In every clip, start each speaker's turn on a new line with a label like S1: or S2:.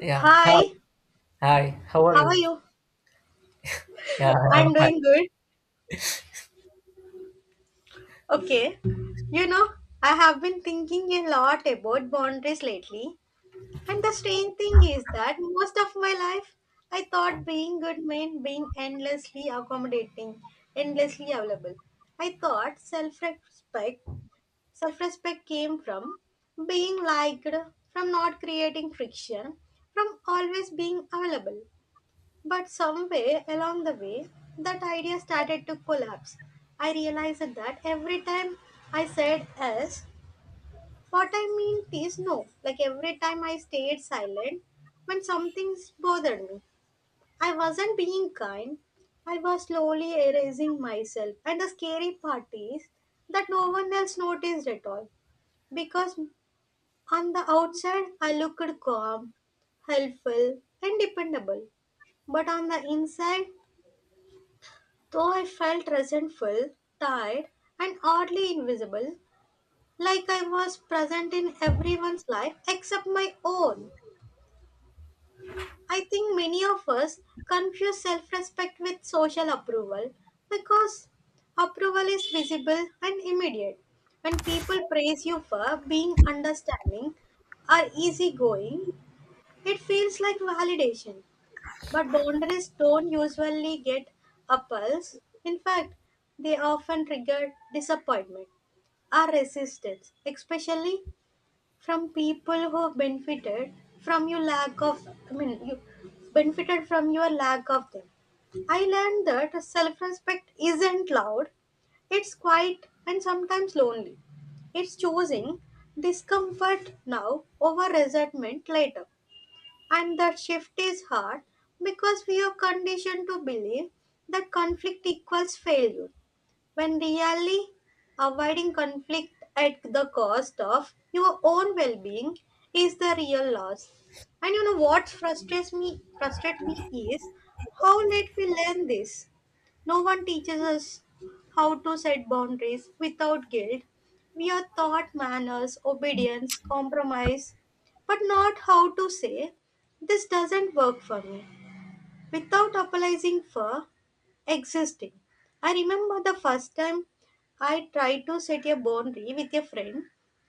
S1: Yeah. Hi.
S2: Hi,
S1: Hi. How are
S2: how are
S1: you?
S2: you?
S1: Yeah, I am
S2: I'm
S1: fine.
S2: doing good. Okay. You know, I have been thinking a lot about boundaries lately. And the strange thing is that most of my life, I thought being good meant being endlessly accommodating, endlessly available. I thought self respect came from being liked, from not creating friction, from always being available. But somewhere along the way, that idea started to collapse. I realized that every time I said yes, what I meant is no. Like every time I stayed silent when something bothered me, I wasn't being kind. I was slowly erasing myself. And the scary part is that no one else noticed at all. Because on the outside, I looked calm, helpful, and dependable, but on the inside, though I felt resentful, tired, and oddly invisible, like I was present in everyone's life except my own. I think many of us confuse self respect with social approval because approval is visible and immediate. When people praise you for being understanding or easygoing, it feels like validation. But boundaries don't usually get appals. In fact, they often trigger disappointment or resistance, especially from people who benefited from your lack of you benefited from your lack of them. I learned that self-respect isn't loud. It's quiet and sometimes lonely. It's choosing discomfort now over resentment later. And that shift is hard because we are conditioned to believe that conflict equals failure, when really avoiding conflict at the cost of your own well being is the real loss. And you know what frustrates me is how late we learn this. No one teaches us how to set boundaries without guilt. We are taught manners, obedience, compromise, but not how to say, "This doesn't work for me," without apologizing for existing. I remember the first time I tried to set a boundary with a friend,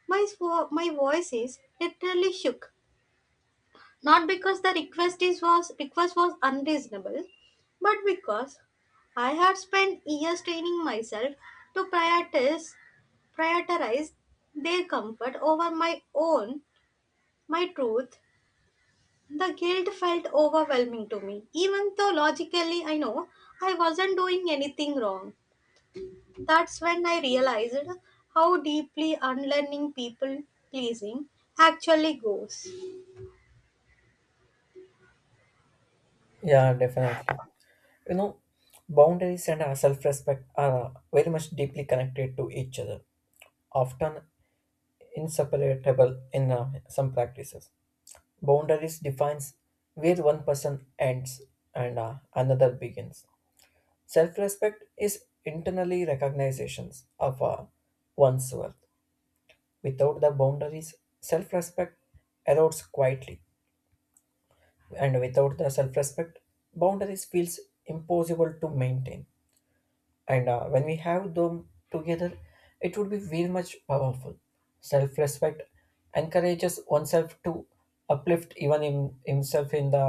S2: my voices literally shook. Not because the request was unreasonable, but because I had spent years training myself to prioritize their comfort over my own, my truth. The guilt felt overwhelming to me, even though logically I know I wasn't doing anything wrong. That's when I realized how deeply unlearning people pleasing actually goes.
S1: Yeah, definitely. You know, boundaries and our self-respect are very much deeply connected to each other, often inseparable in some practices. Boundaries defines where one person ends and another begins. Self-respect is internally recognitions of one's worth. Without the boundaries, self-respect erodes quietly, and without the self-respect, boundaries feels impossible to maintain, and when we have them together it would be very much powerful. Self-respect encourages oneself to uplift himself in the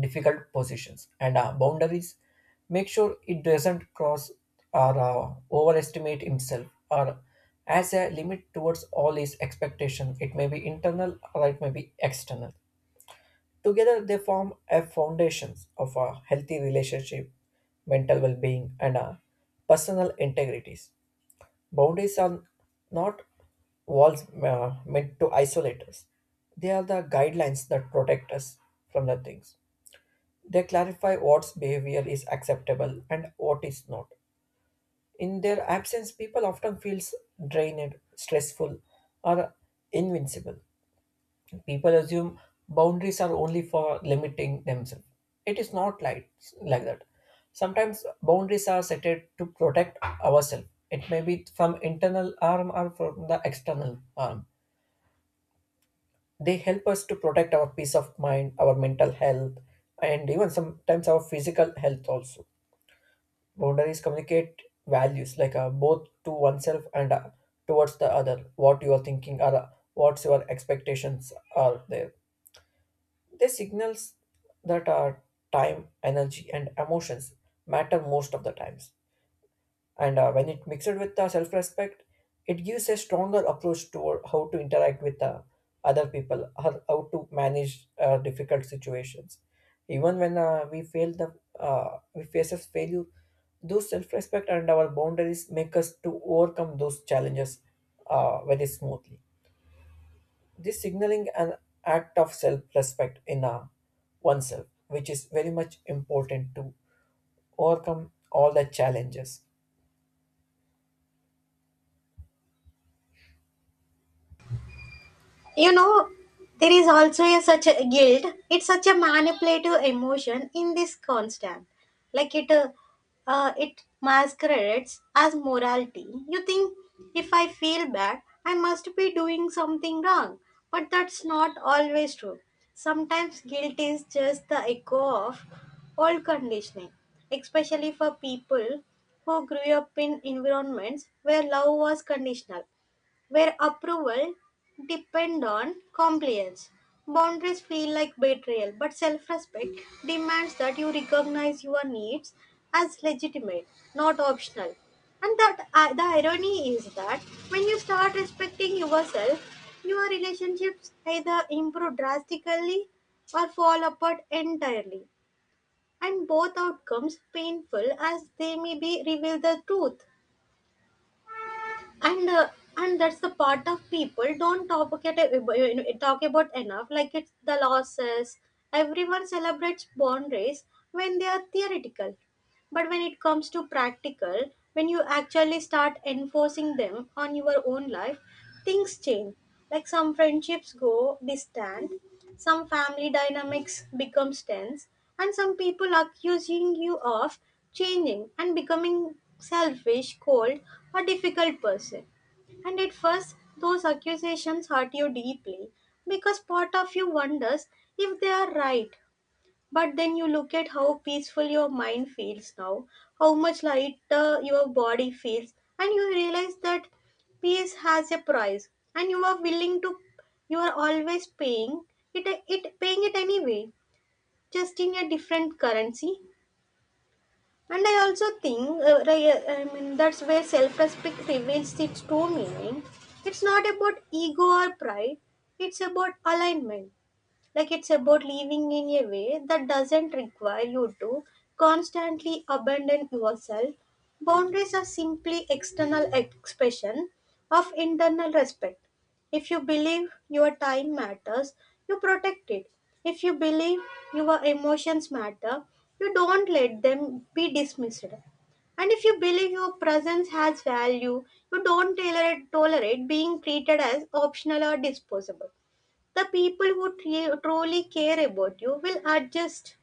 S1: difficult positions, and boundaries make sure it doesn't cross or overestimate himself, or as a limit towards all his expectation. It may be internal or it may be external. Together, they form a foundations of a healthy relationship, mental well being, and a personal integrities. Boundaries are not walls meant to isolate us, they are the guidelines that protect us from the things. They clarify what's behavior is acceptable and what is not. In their absence, people often feels drained, stressful, or invincible. People assume boundaries are only for limiting themselves. It is not like that. Sometimes boundaries are set to protect ourselves. It may be from internal harm or from the external harm. They help us to protect our peace of mind, our mental health, and even sometimes our physical health also. Boundaries communicate values like both to oneself and towards the other. What you are thinking or what's your expectations are there. They signals that time, energy, and emotions matter most of the times. And when it mixed with self-respect, it gives a stronger approach toward how to interact with other people, how to manage difficult situations. Even when we face a failure, those self-respect and our boundaries make us to overcome those challenges very smoothly. This signaling an act of self-respect in oneself, which is very much important to overcome all the challenges.
S2: You know, there is also a such a guilt. It's such a manipulative emotion in this constant, like it uh, it masquerades as morality. You think if I feel bad I must be doing something wrong, but that's not always true. Sometimes guilt is just the echo of old conditioning, especially for people who grew up in environments where love was conditional, where approval depend on compliance. Boundaries feel like betrayal, but self-respect demands that you recognize your needs as legitimate, not optional. And that the irony is that when you start respecting yourself, your relationships either improve drastically or fall apart entirely. And both outcomes, painful as they may be, reveal the truth. And and that's the part of people don't talk about, talk about enough, like it's the losses. Everyone celebrates boundaries when they are theoretical, but when it comes to practical, when you actually start enforcing them on your own life, things change. Like some friendships go distant, some family dynamics becomes tense, and some people accusing you of changing and becoming selfish, cold, or difficult person. And at first, those accusations hurt you deeply because part of you wonders if they are right, but then you look at how peaceful your mind feels now, how much lighter your body feels, and you realize that peace has a price, and you are always paying it anyway, just in a different currency. And I also think, that's where self-respect reveals its true meaning. It's not about ego or pride; it's about alignment, like it's about living in a way that doesn't require you to constantly abandon yourself. Boundaries are simply external expression of internal respect. If you believe your time matters, you protect it. If you believe your emotions matter, you don't let them be dismissed. And if you believe your presence has value, you don't tolerate being treated as optional or disposable. The people who truly care about you will adjust.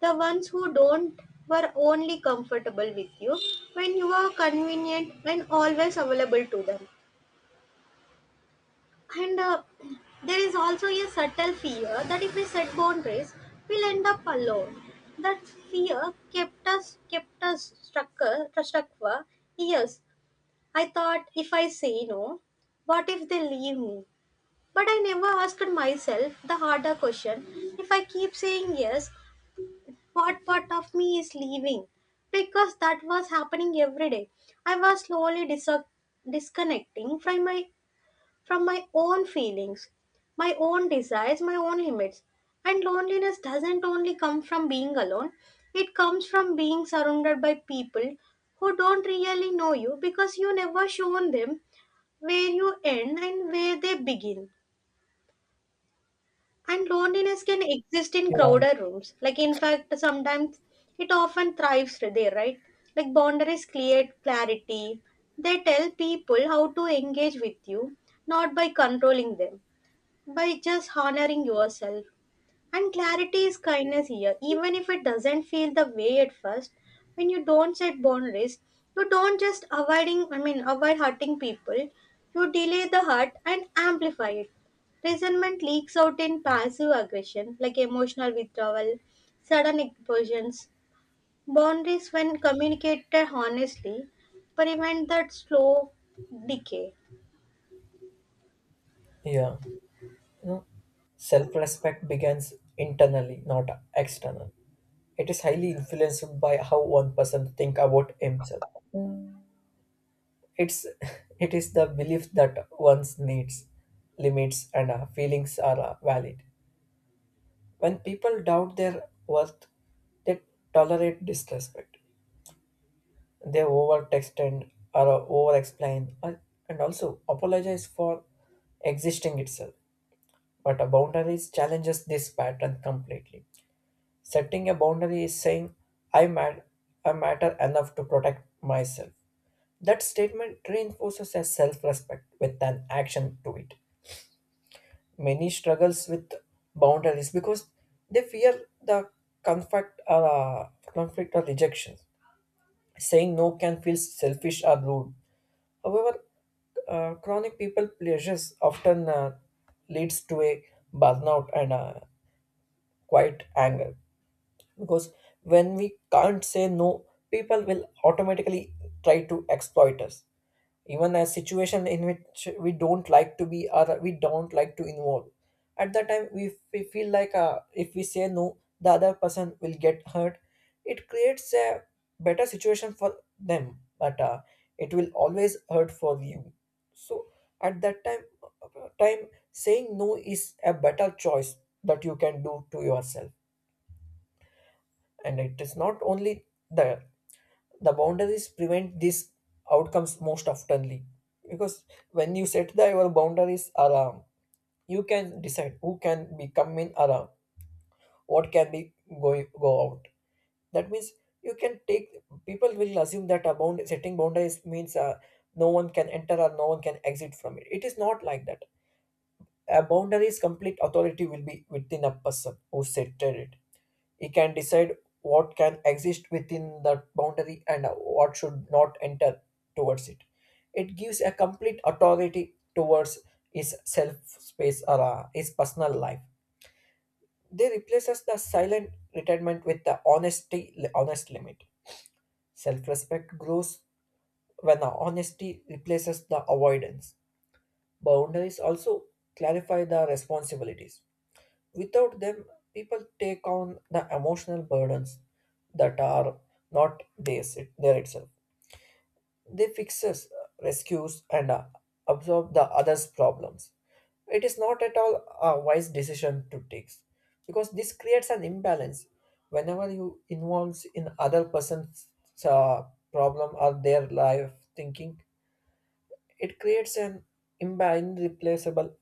S2: The ones who don't were only comfortable with you when you are convenient and always available to them. And There is also a subtle fear that if we set boundaries, we'll end up alone. That fear kept us stuck for years. I thought if I say no, what if they leave me? But I never asked myself the harder question: if I keep saying yes, what part of me is leaving? Because that was happening every day. I was slowly disconnecting from my own feelings, my own desires, my own limits. And loneliness doesn't only come from being alone, it comes from being surrounded by people who don't really know you because you never shown them where you end and where they begin. And loneliness can exist in
S1: Yeah,
S2: crowded rooms. Like, in fact, sometimes it often thrives there, right? Like, boundaries create clarity. They tell people how to engage with you, not by controlling them, by just honoring yourself. And clarity is kindness here, even if it doesn't feel the way at first. When you don't set boundaries, you don't just avoiding avoid hurting people, you delay the hurt and amplify it. Resentment leaks out in passive aggression, like emotional withdrawal, sudden explosions. Boundaries when communicated honestly prevent that slow decay.
S1: yeah. You know, self-respect begins internally, not external. It is highly influenced by how one person think about himself. It's it is the belief that one's needs, limits, and feelings are valid. When people doubt their worth, they tolerate disrespect. They overtext and or over-explain or- and also apologize for existing itself. But a boundary challenges this pattern completely. Setting a boundary is saying, I, mat- I matter enough to protect myself. That statement reinforces a self respect with an action to it. Many struggles with boundaries because they fear the conflict or rejection. Saying no can feel selfish or rude. However, chronic people pleasures often leads to a burnout and quiet anger, because when we can't say no, people will automatically try to exploit us, even a situation in which we don't like to be or we don't like to involve. At that time we feel like if we say no the other person will get hurt. It creates a better situation for them, but it will always hurt for you. So at that time saying no is a better choice that you can do to yourself. And it is not only the the boundaries prevent these outcomes most oftenly, because when you set the your boundaries around, you can decide who can be come in around, what can be going go out. That means you can take. People will assume that a bound setting boundaries means no one can enter or no one can exit from it. It is not like that. A boundary complete authority will be within a person who set it. He can decide what can exist within that boundary and what should not enter towards it. It gives a complete authority towards his self space or his personal life. They replaces the silent retirement with the honesty, honest limit. Self-respect grows when the honesty replaces the avoidance. Boundaries also clarify the responsibilities. Without them, people take on the emotional burdens that are not theirs, there itself. They fixes, rescues, and absorb the other's problems. It is not at all a wise decision to take, because this creates an imbalance. Whenever you involves in other person's uh, problem or their life thinking, it creates an irreplaceable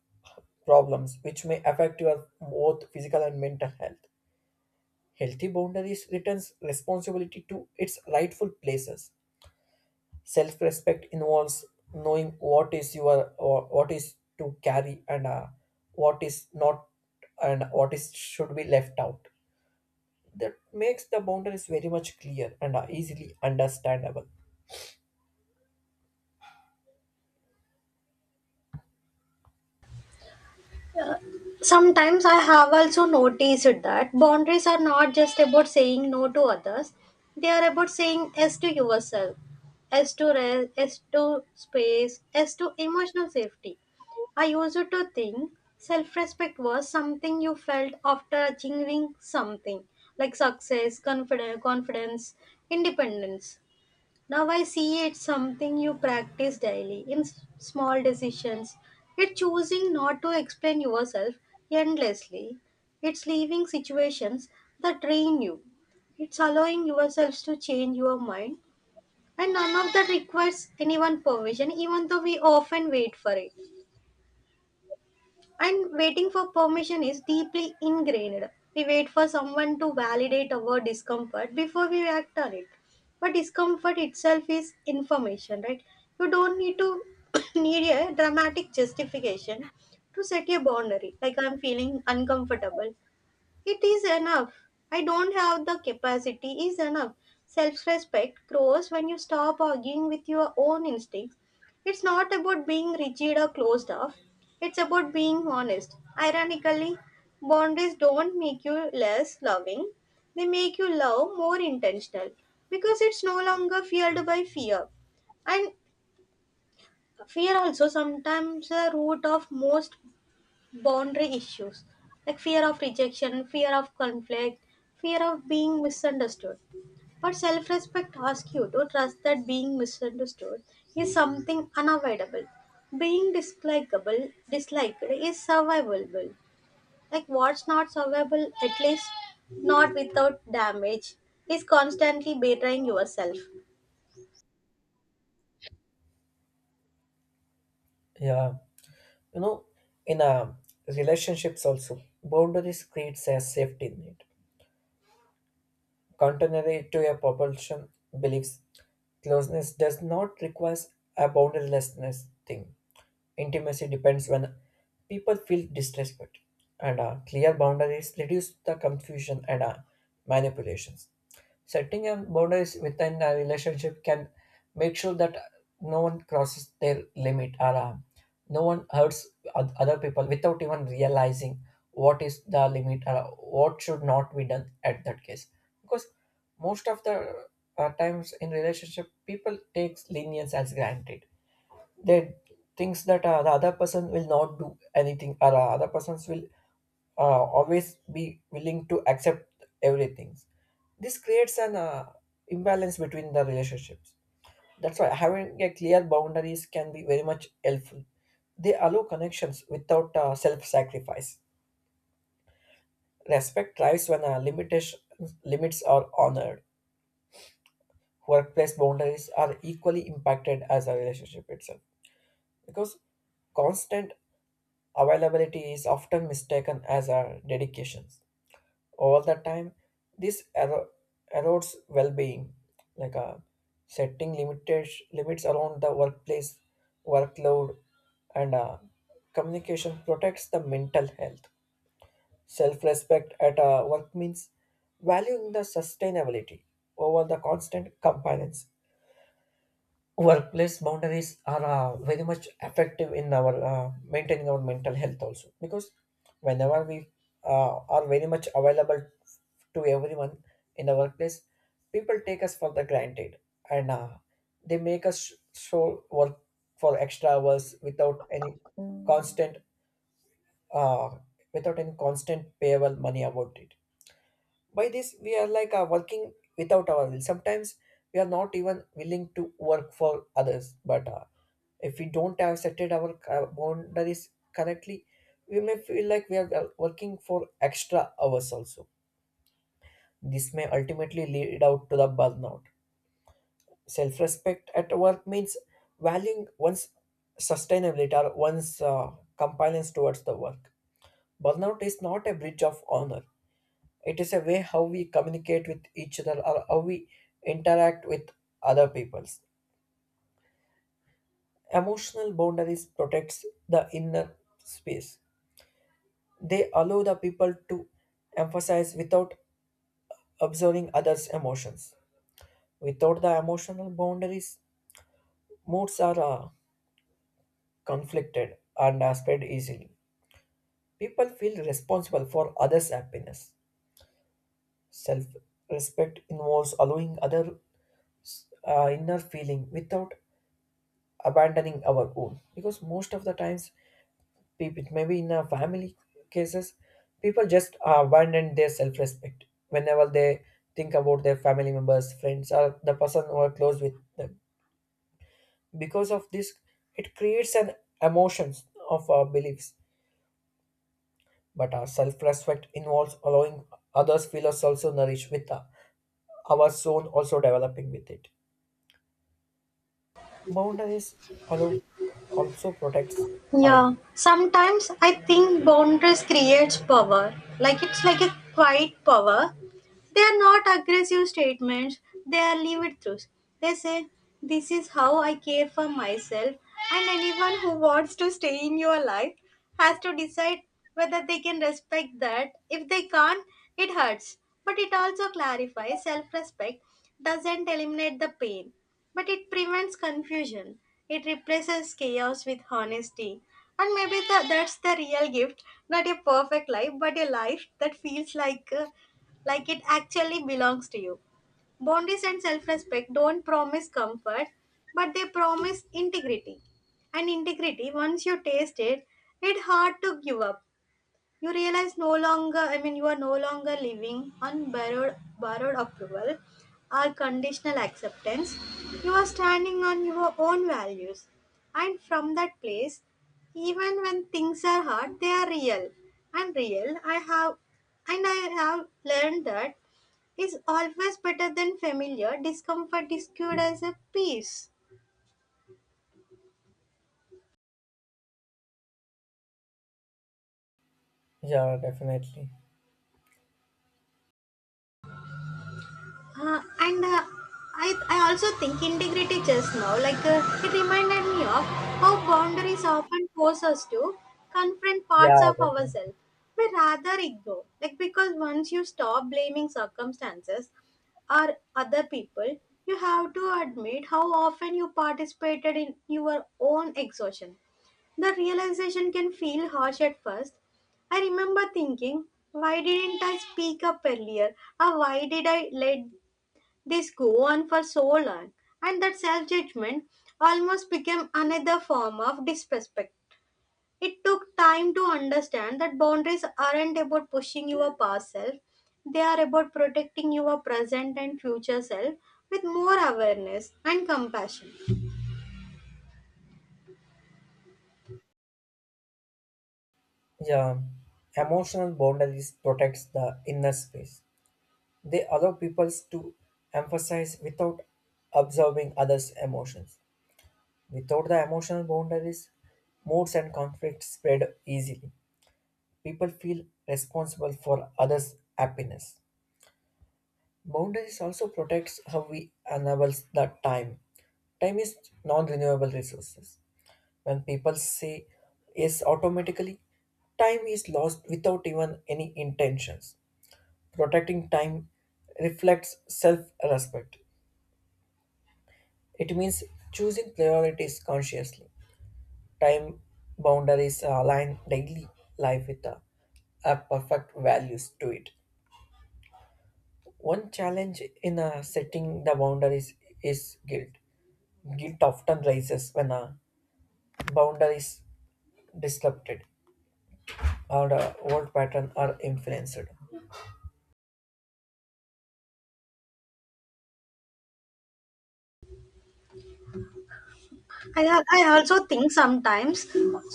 S1: problems which may affect your both physical and mental health. Healthy boundaries returns responsibility to its rightful places. Self-respect involves knowing what is your or what is to carry and what is not, and what is should be left out. That makes the boundaries very much clear and are easily understandable.
S2: Sometimes I have also noticed that boundaries are not just about saying no to others, they are about saying yes to yourself, yes to rest, yes to space, yes to emotional safety. I used to think self respect was something you felt after achieving something like success, confidence, independence. Now I see it's something you practice daily in small decisions. It's choosing not to explain yourself endlessly. It's leaving situations that drain you. It's allowing yourselves to change your mind. And none of that requires anyone permission, even though we often wait for it. And waiting for permission is deeply ingrained. We wait for someone to validate our discomfort before we act on it. But discomfort itself is information, right? You don't need to need a dramatic justification to set a boundary. Like, I'm feeling uncomfortable. It is enough. I don't have the capacity is enough. Self respect grows when you stop arguing with your own instincts. It's not about being rigid or closed off, it's about being honest. Ironically, boundaries don't make you less loving, they make you love more intentional because it's no longer fueled by fear. And fear also sometimes the root of most boundary issues, like fear of rejection, fear of conflict, fear of being misunderstood. But self respect asks you to trust that being misunderstood is something unavoidable. Being dislikable, disliked is survivable. Like what's not survivable, at least not without damage, is constantly betraying yourself.
S1: Yeah, you know, in relationships also, boundaries creates a safety net. Contrary to a propulsion beliefs, closeness does not require a boundarylessness thing. Intimacy depends when people feel disrespect, and clear boundaries reduce the confusion and manipulations. Setting a boundaries within a relationship can make sure that no one crosses their limit or no one hurts other people without even realizing what is the limit or what should not be done at that case. Because most of the times in relationship, people takes lenience as granted. They things that the other person will not do anything, or other persons will always be willing to accept everything. This creates an imbalance between the relationships. That's why having a clear boundaries can be very much helpful. They allow connections without self-sacrifice. Respect thrives when limits are honored. Workplace boundaries are equally impacted as a relationship itself, because constant availability is often mistaken as a dedication. All the time, this erodes well-being, like setting limited limits around the workplace, workload, and communication protects the mental health. Self-respect at work means valuing the sustainability over the constant compliance. Workplace boundaries are very much effective in our maintaining our mental health also, because whenever we are very much available to everyone in the workplace, people take us for the granted, and they make us show work for extra hours without any constant uh, without any constant payable money about it. By this we are like working without our will. Sometimes we are not even willing to work for others, but if we don't have setted our boundaries correctly, we may feel like we are working for extra hours also. This may ultimately lead out to the burnout. Self-respect at work means valuing one's sustainability or one's compliance towards the work. Burnout is not a breach of honor. It is a way how we communicate with each other or how we interact with other peoples. Emotional boundaries protects the inner space. They allow the people to emphasize without observing others' emotions. Without the emotional boundaries, moods are conflicted and are spread easily. People feel responsible for others' happiness. Self respect involves allowing other inner feeling without abandoning our own, because most of the times people maybe in a family cases, people just abandon their self-respect whenever they think about their family members, friends, or the person who are close with them. Because of this, it creates an emotions of our beliefs, but our self-respect involves allowing others feel us also nourished with our soul also developing with it. Boundaries allow, also protects
S2: Yeah,
S1: time.
S2: sometimes I think boundaries creates power. Like it's like a quiet power. They are not aggressive statements, they are lived truths. They say, "This is how I care for myself," and anyone who wants to stay in your life has to decide whether they can respect that. If they can't, it hurts. But it also clarifies self respect doesn't eliminate the pain, but it prevents confusion. It replaces chaos with honesty. And maybe that's the real gift, not a perfect life, but a life that feels like. Like it actually belongs to you. Boundaries and self respect don't promise comfort, but they promise integrity. And integrity, once you taste it, it's hard to give up. You realize no longer you are no longer living on borrowed approval or conditional acceptance. You are standing on your own values, and from that place, even when things are hard they are real. and real i have and I have learned that is always better than familiar discomfort is cured as a peace.
S1: Yeah, definitely.
S2: Uh, and uh, I also think integrity just now, it reminded me of how boundaries often force us to confront parts of
S1: Yeah.
S2: ourselves we rather ignore. Like because once you stop blaming circumstances or other people, you have to admit how often you participated in your own exhaustion. The realization can feel harsh at first. I remember thinking, why didn't I speak up earlier? Or why did I let this go on for so long, and that self judgment almost became another form of disrespect. It took time to understand that boundaries aren't about pushing your past self, they are about protecting your present and future self with more awareness and compassion.
S1: Yeah, emotional boundaries protects the inner space. They allow people to emphasize without absorbing others' emotions. Without the emotional boundaries, moods and conflicts spread easily. People feel responsible for others' happiness. Boundaries also protects how we enable the time. Time is non-renewable resources. When people say yes automatically, time is lost without even any intentions. Protecting time reflects self respect. It means choosing priorities consciously. Time boundaries align daily life with a perfect values to it. One challenge in setting the boundaries is guilt. Guilt often rises when a boundary is disrupted or the old pattern are influenced.
S2: I also think sometimes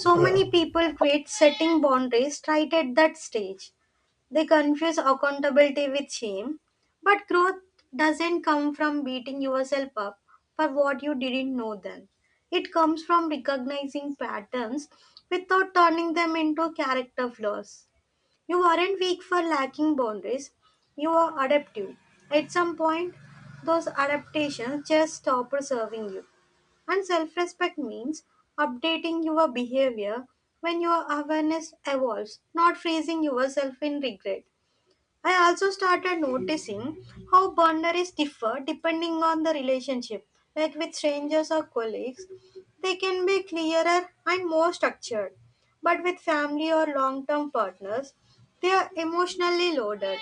S2: so
S1: Yeah,
S2: many people quit setting boundaries right at that stage. They confuse accountability with shame, but growth doesn't come from beating yourself up for what you didn't know then. It comes from recognizing patterns without turning them into character flaws. You aren't weak for lacking boundaries, you are adaptive. At some point, those adaptations just stop serving you. And self respect means updating your behavior when your awareness evolves, not freezing yourself in regret. I also started noticing how boundaries differ depending on the relationship. Like with strangers or colleagues, they can be clearer and more structured. But with family or long term partners, they are emotionally loaded.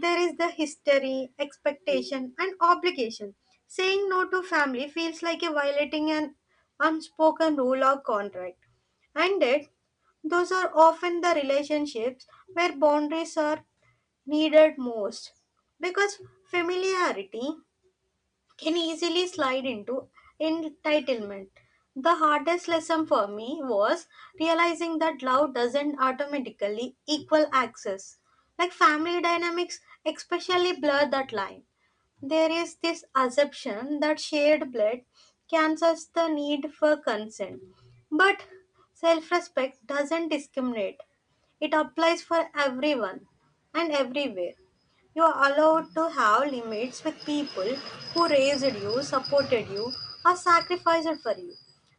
S2: There is the history, expectation, and obligation. Saying no to family feels like a violating an unspoken rule or contract. And yet, those are often the relationships where boundaries are needed most because familiarity can easily slide into entitlement. The hardest lesson for me was realizing that love doesn't automatically equal access. Like family dynamics, especially blur that line. There is this assumption that shared blood cancels the need for consent. But self respect doesn't discriminate, it applies for everyone and everywhere. You are allowed to have limits with people who raised you, supported you, or sacrificed for you.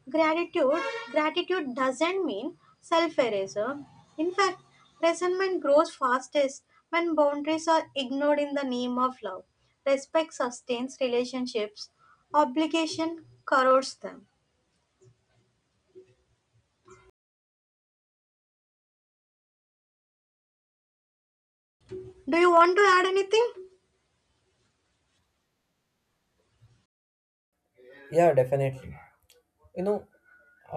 S2: Gratitude Gratitude doesn't mean self-erasure. In fact, resentment grows fastest when boundaries are ignored in the name of love. Respect sustains relationships, obligation corrodes them. Do you want to add anything?
S1: yeah, definitely. You know,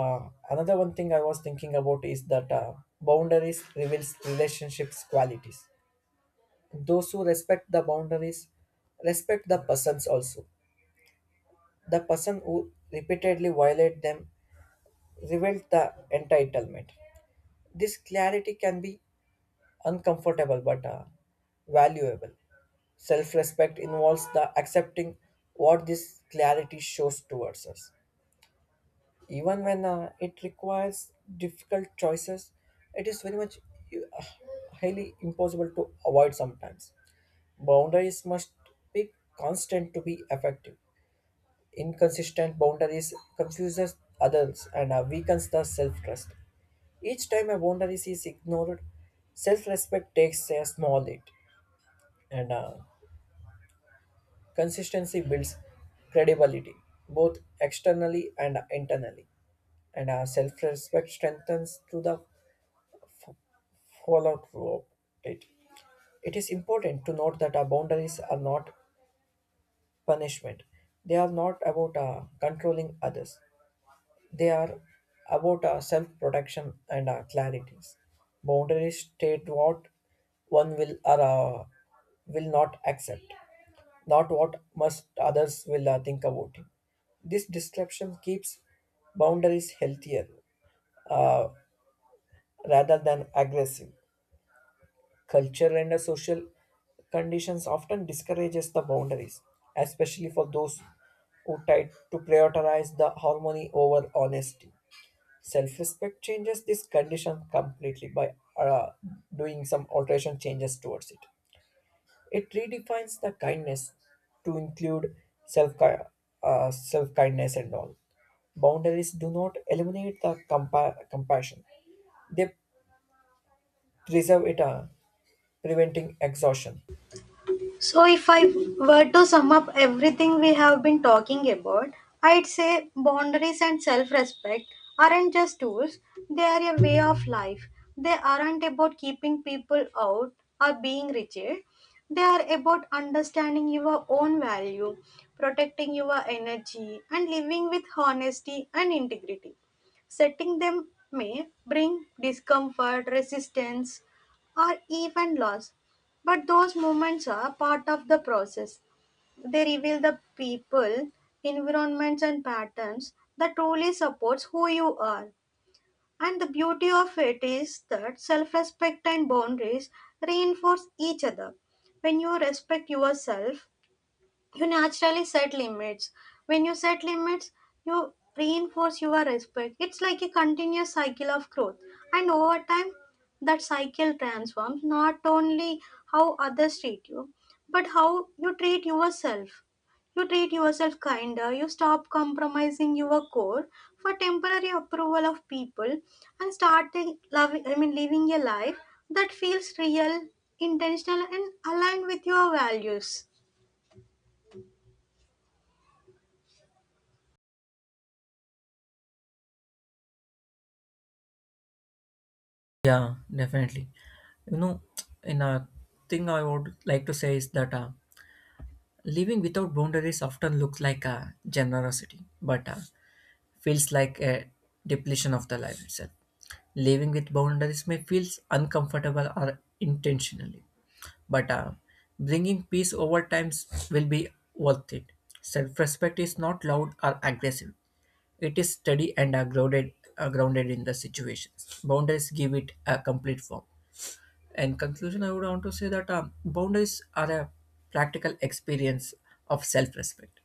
S1: Another one thing I was thinking about is that boundaries reveals relationships qualities. Those who respect the boundaries respect the persons also. The person who repeatedly violate them reveals the entitlement. This clarity can be uncomfortable but valuable. Self-respect involves the accepting what this clarity shows towards us, even when it requires difficult choices. It is very much uh, highly impossible to avoid sometimes. Boundaries must be constant to be effective. Inconsistent boundaries confuses others and weakens the self-trust. Each time a boundary is ignored, self-respect takes a small hit, and consistency builds credibility both externally and internally, and self-respect strengthens through the follow through it. It is important to note that our boundaries are not punishment. They are not about controlling others. They are about self-protection and clarities. Boundaries state what one will or will not accept, not what must others will think about him. This description keeps boundaries healthier uh, rather than aggressive. Culture and the social conditions often discourages the boundaries, especially for those who try to prioritize the harmony over honesty. Self-respect changes this condition completely by uh, doing some alteration changes towards it. It redefines the kindness to include self self kindness and all. Boundaries do not eliminate the compassion; they preserve it, preventing exhaustion.
S2: So, if I were to sum up everything we have been talking about, I'd say boundaries and self respect aren't just tools, they are a way of life. They aren't about keeping people out or being rigid. They are about understanding your own value, protecting your energy, and living with honesty and integrity. Setting them may bring discomfort, resistance, or even loss, but those moments are part of the process. They reveal the people, environments, and patterns that truly supports who you are. And the beauty of it is that self-respect and boundaries reinforce each other. When you respect yourself, you naturally set limits. When you set limits, you reinforce your respect. It's like a continuous cycle of growth, and over time, that cycle transforms not only how others treat you but how you treat yourself. You treat yourself kinder. You stop compromising your core for temporary approval of people, and start loving I mean living a life that feels real, intentional, and aligned with your values.
S1: Yeah, definitely. You know, in a thing I would like to say is that living without boundaries often looks like a generosity, but feels like a depletion of the life itself. Living with boundaries may feel uncomfortable or intentionally, but bringing peace over time will be worth it. Self-respect is not loud or aggressive. It is steady and grounded in the situations. Boundaries give it a complete form. In conclusion, I would want to say that boundaries are a practical experience of self respect.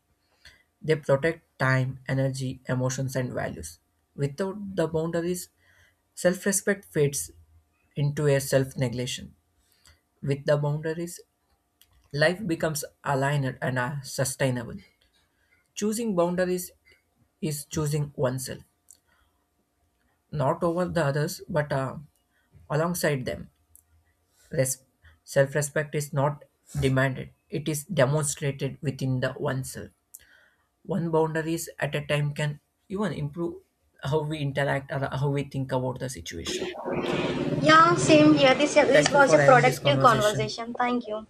S1: They protect time, energy, emotions, and values. Without the boundaries, self respect fades into a self neglection. With the boundaries, life becomes aligned and sustainable. Choosing boundaries is choosing oneself, not over the others, but alongside them. Res- Self-respect is not demanded, it is demonstrated within the oneself. One boundaries at a time can even improve how we interact or how we think about the situation.
S2: Yeah,
S1: Yeah,
S2: same here. This
S1: thank you
S2: was a
S1: for having this
S2: productive
S1: conversation.
S2: conversation. Thank you.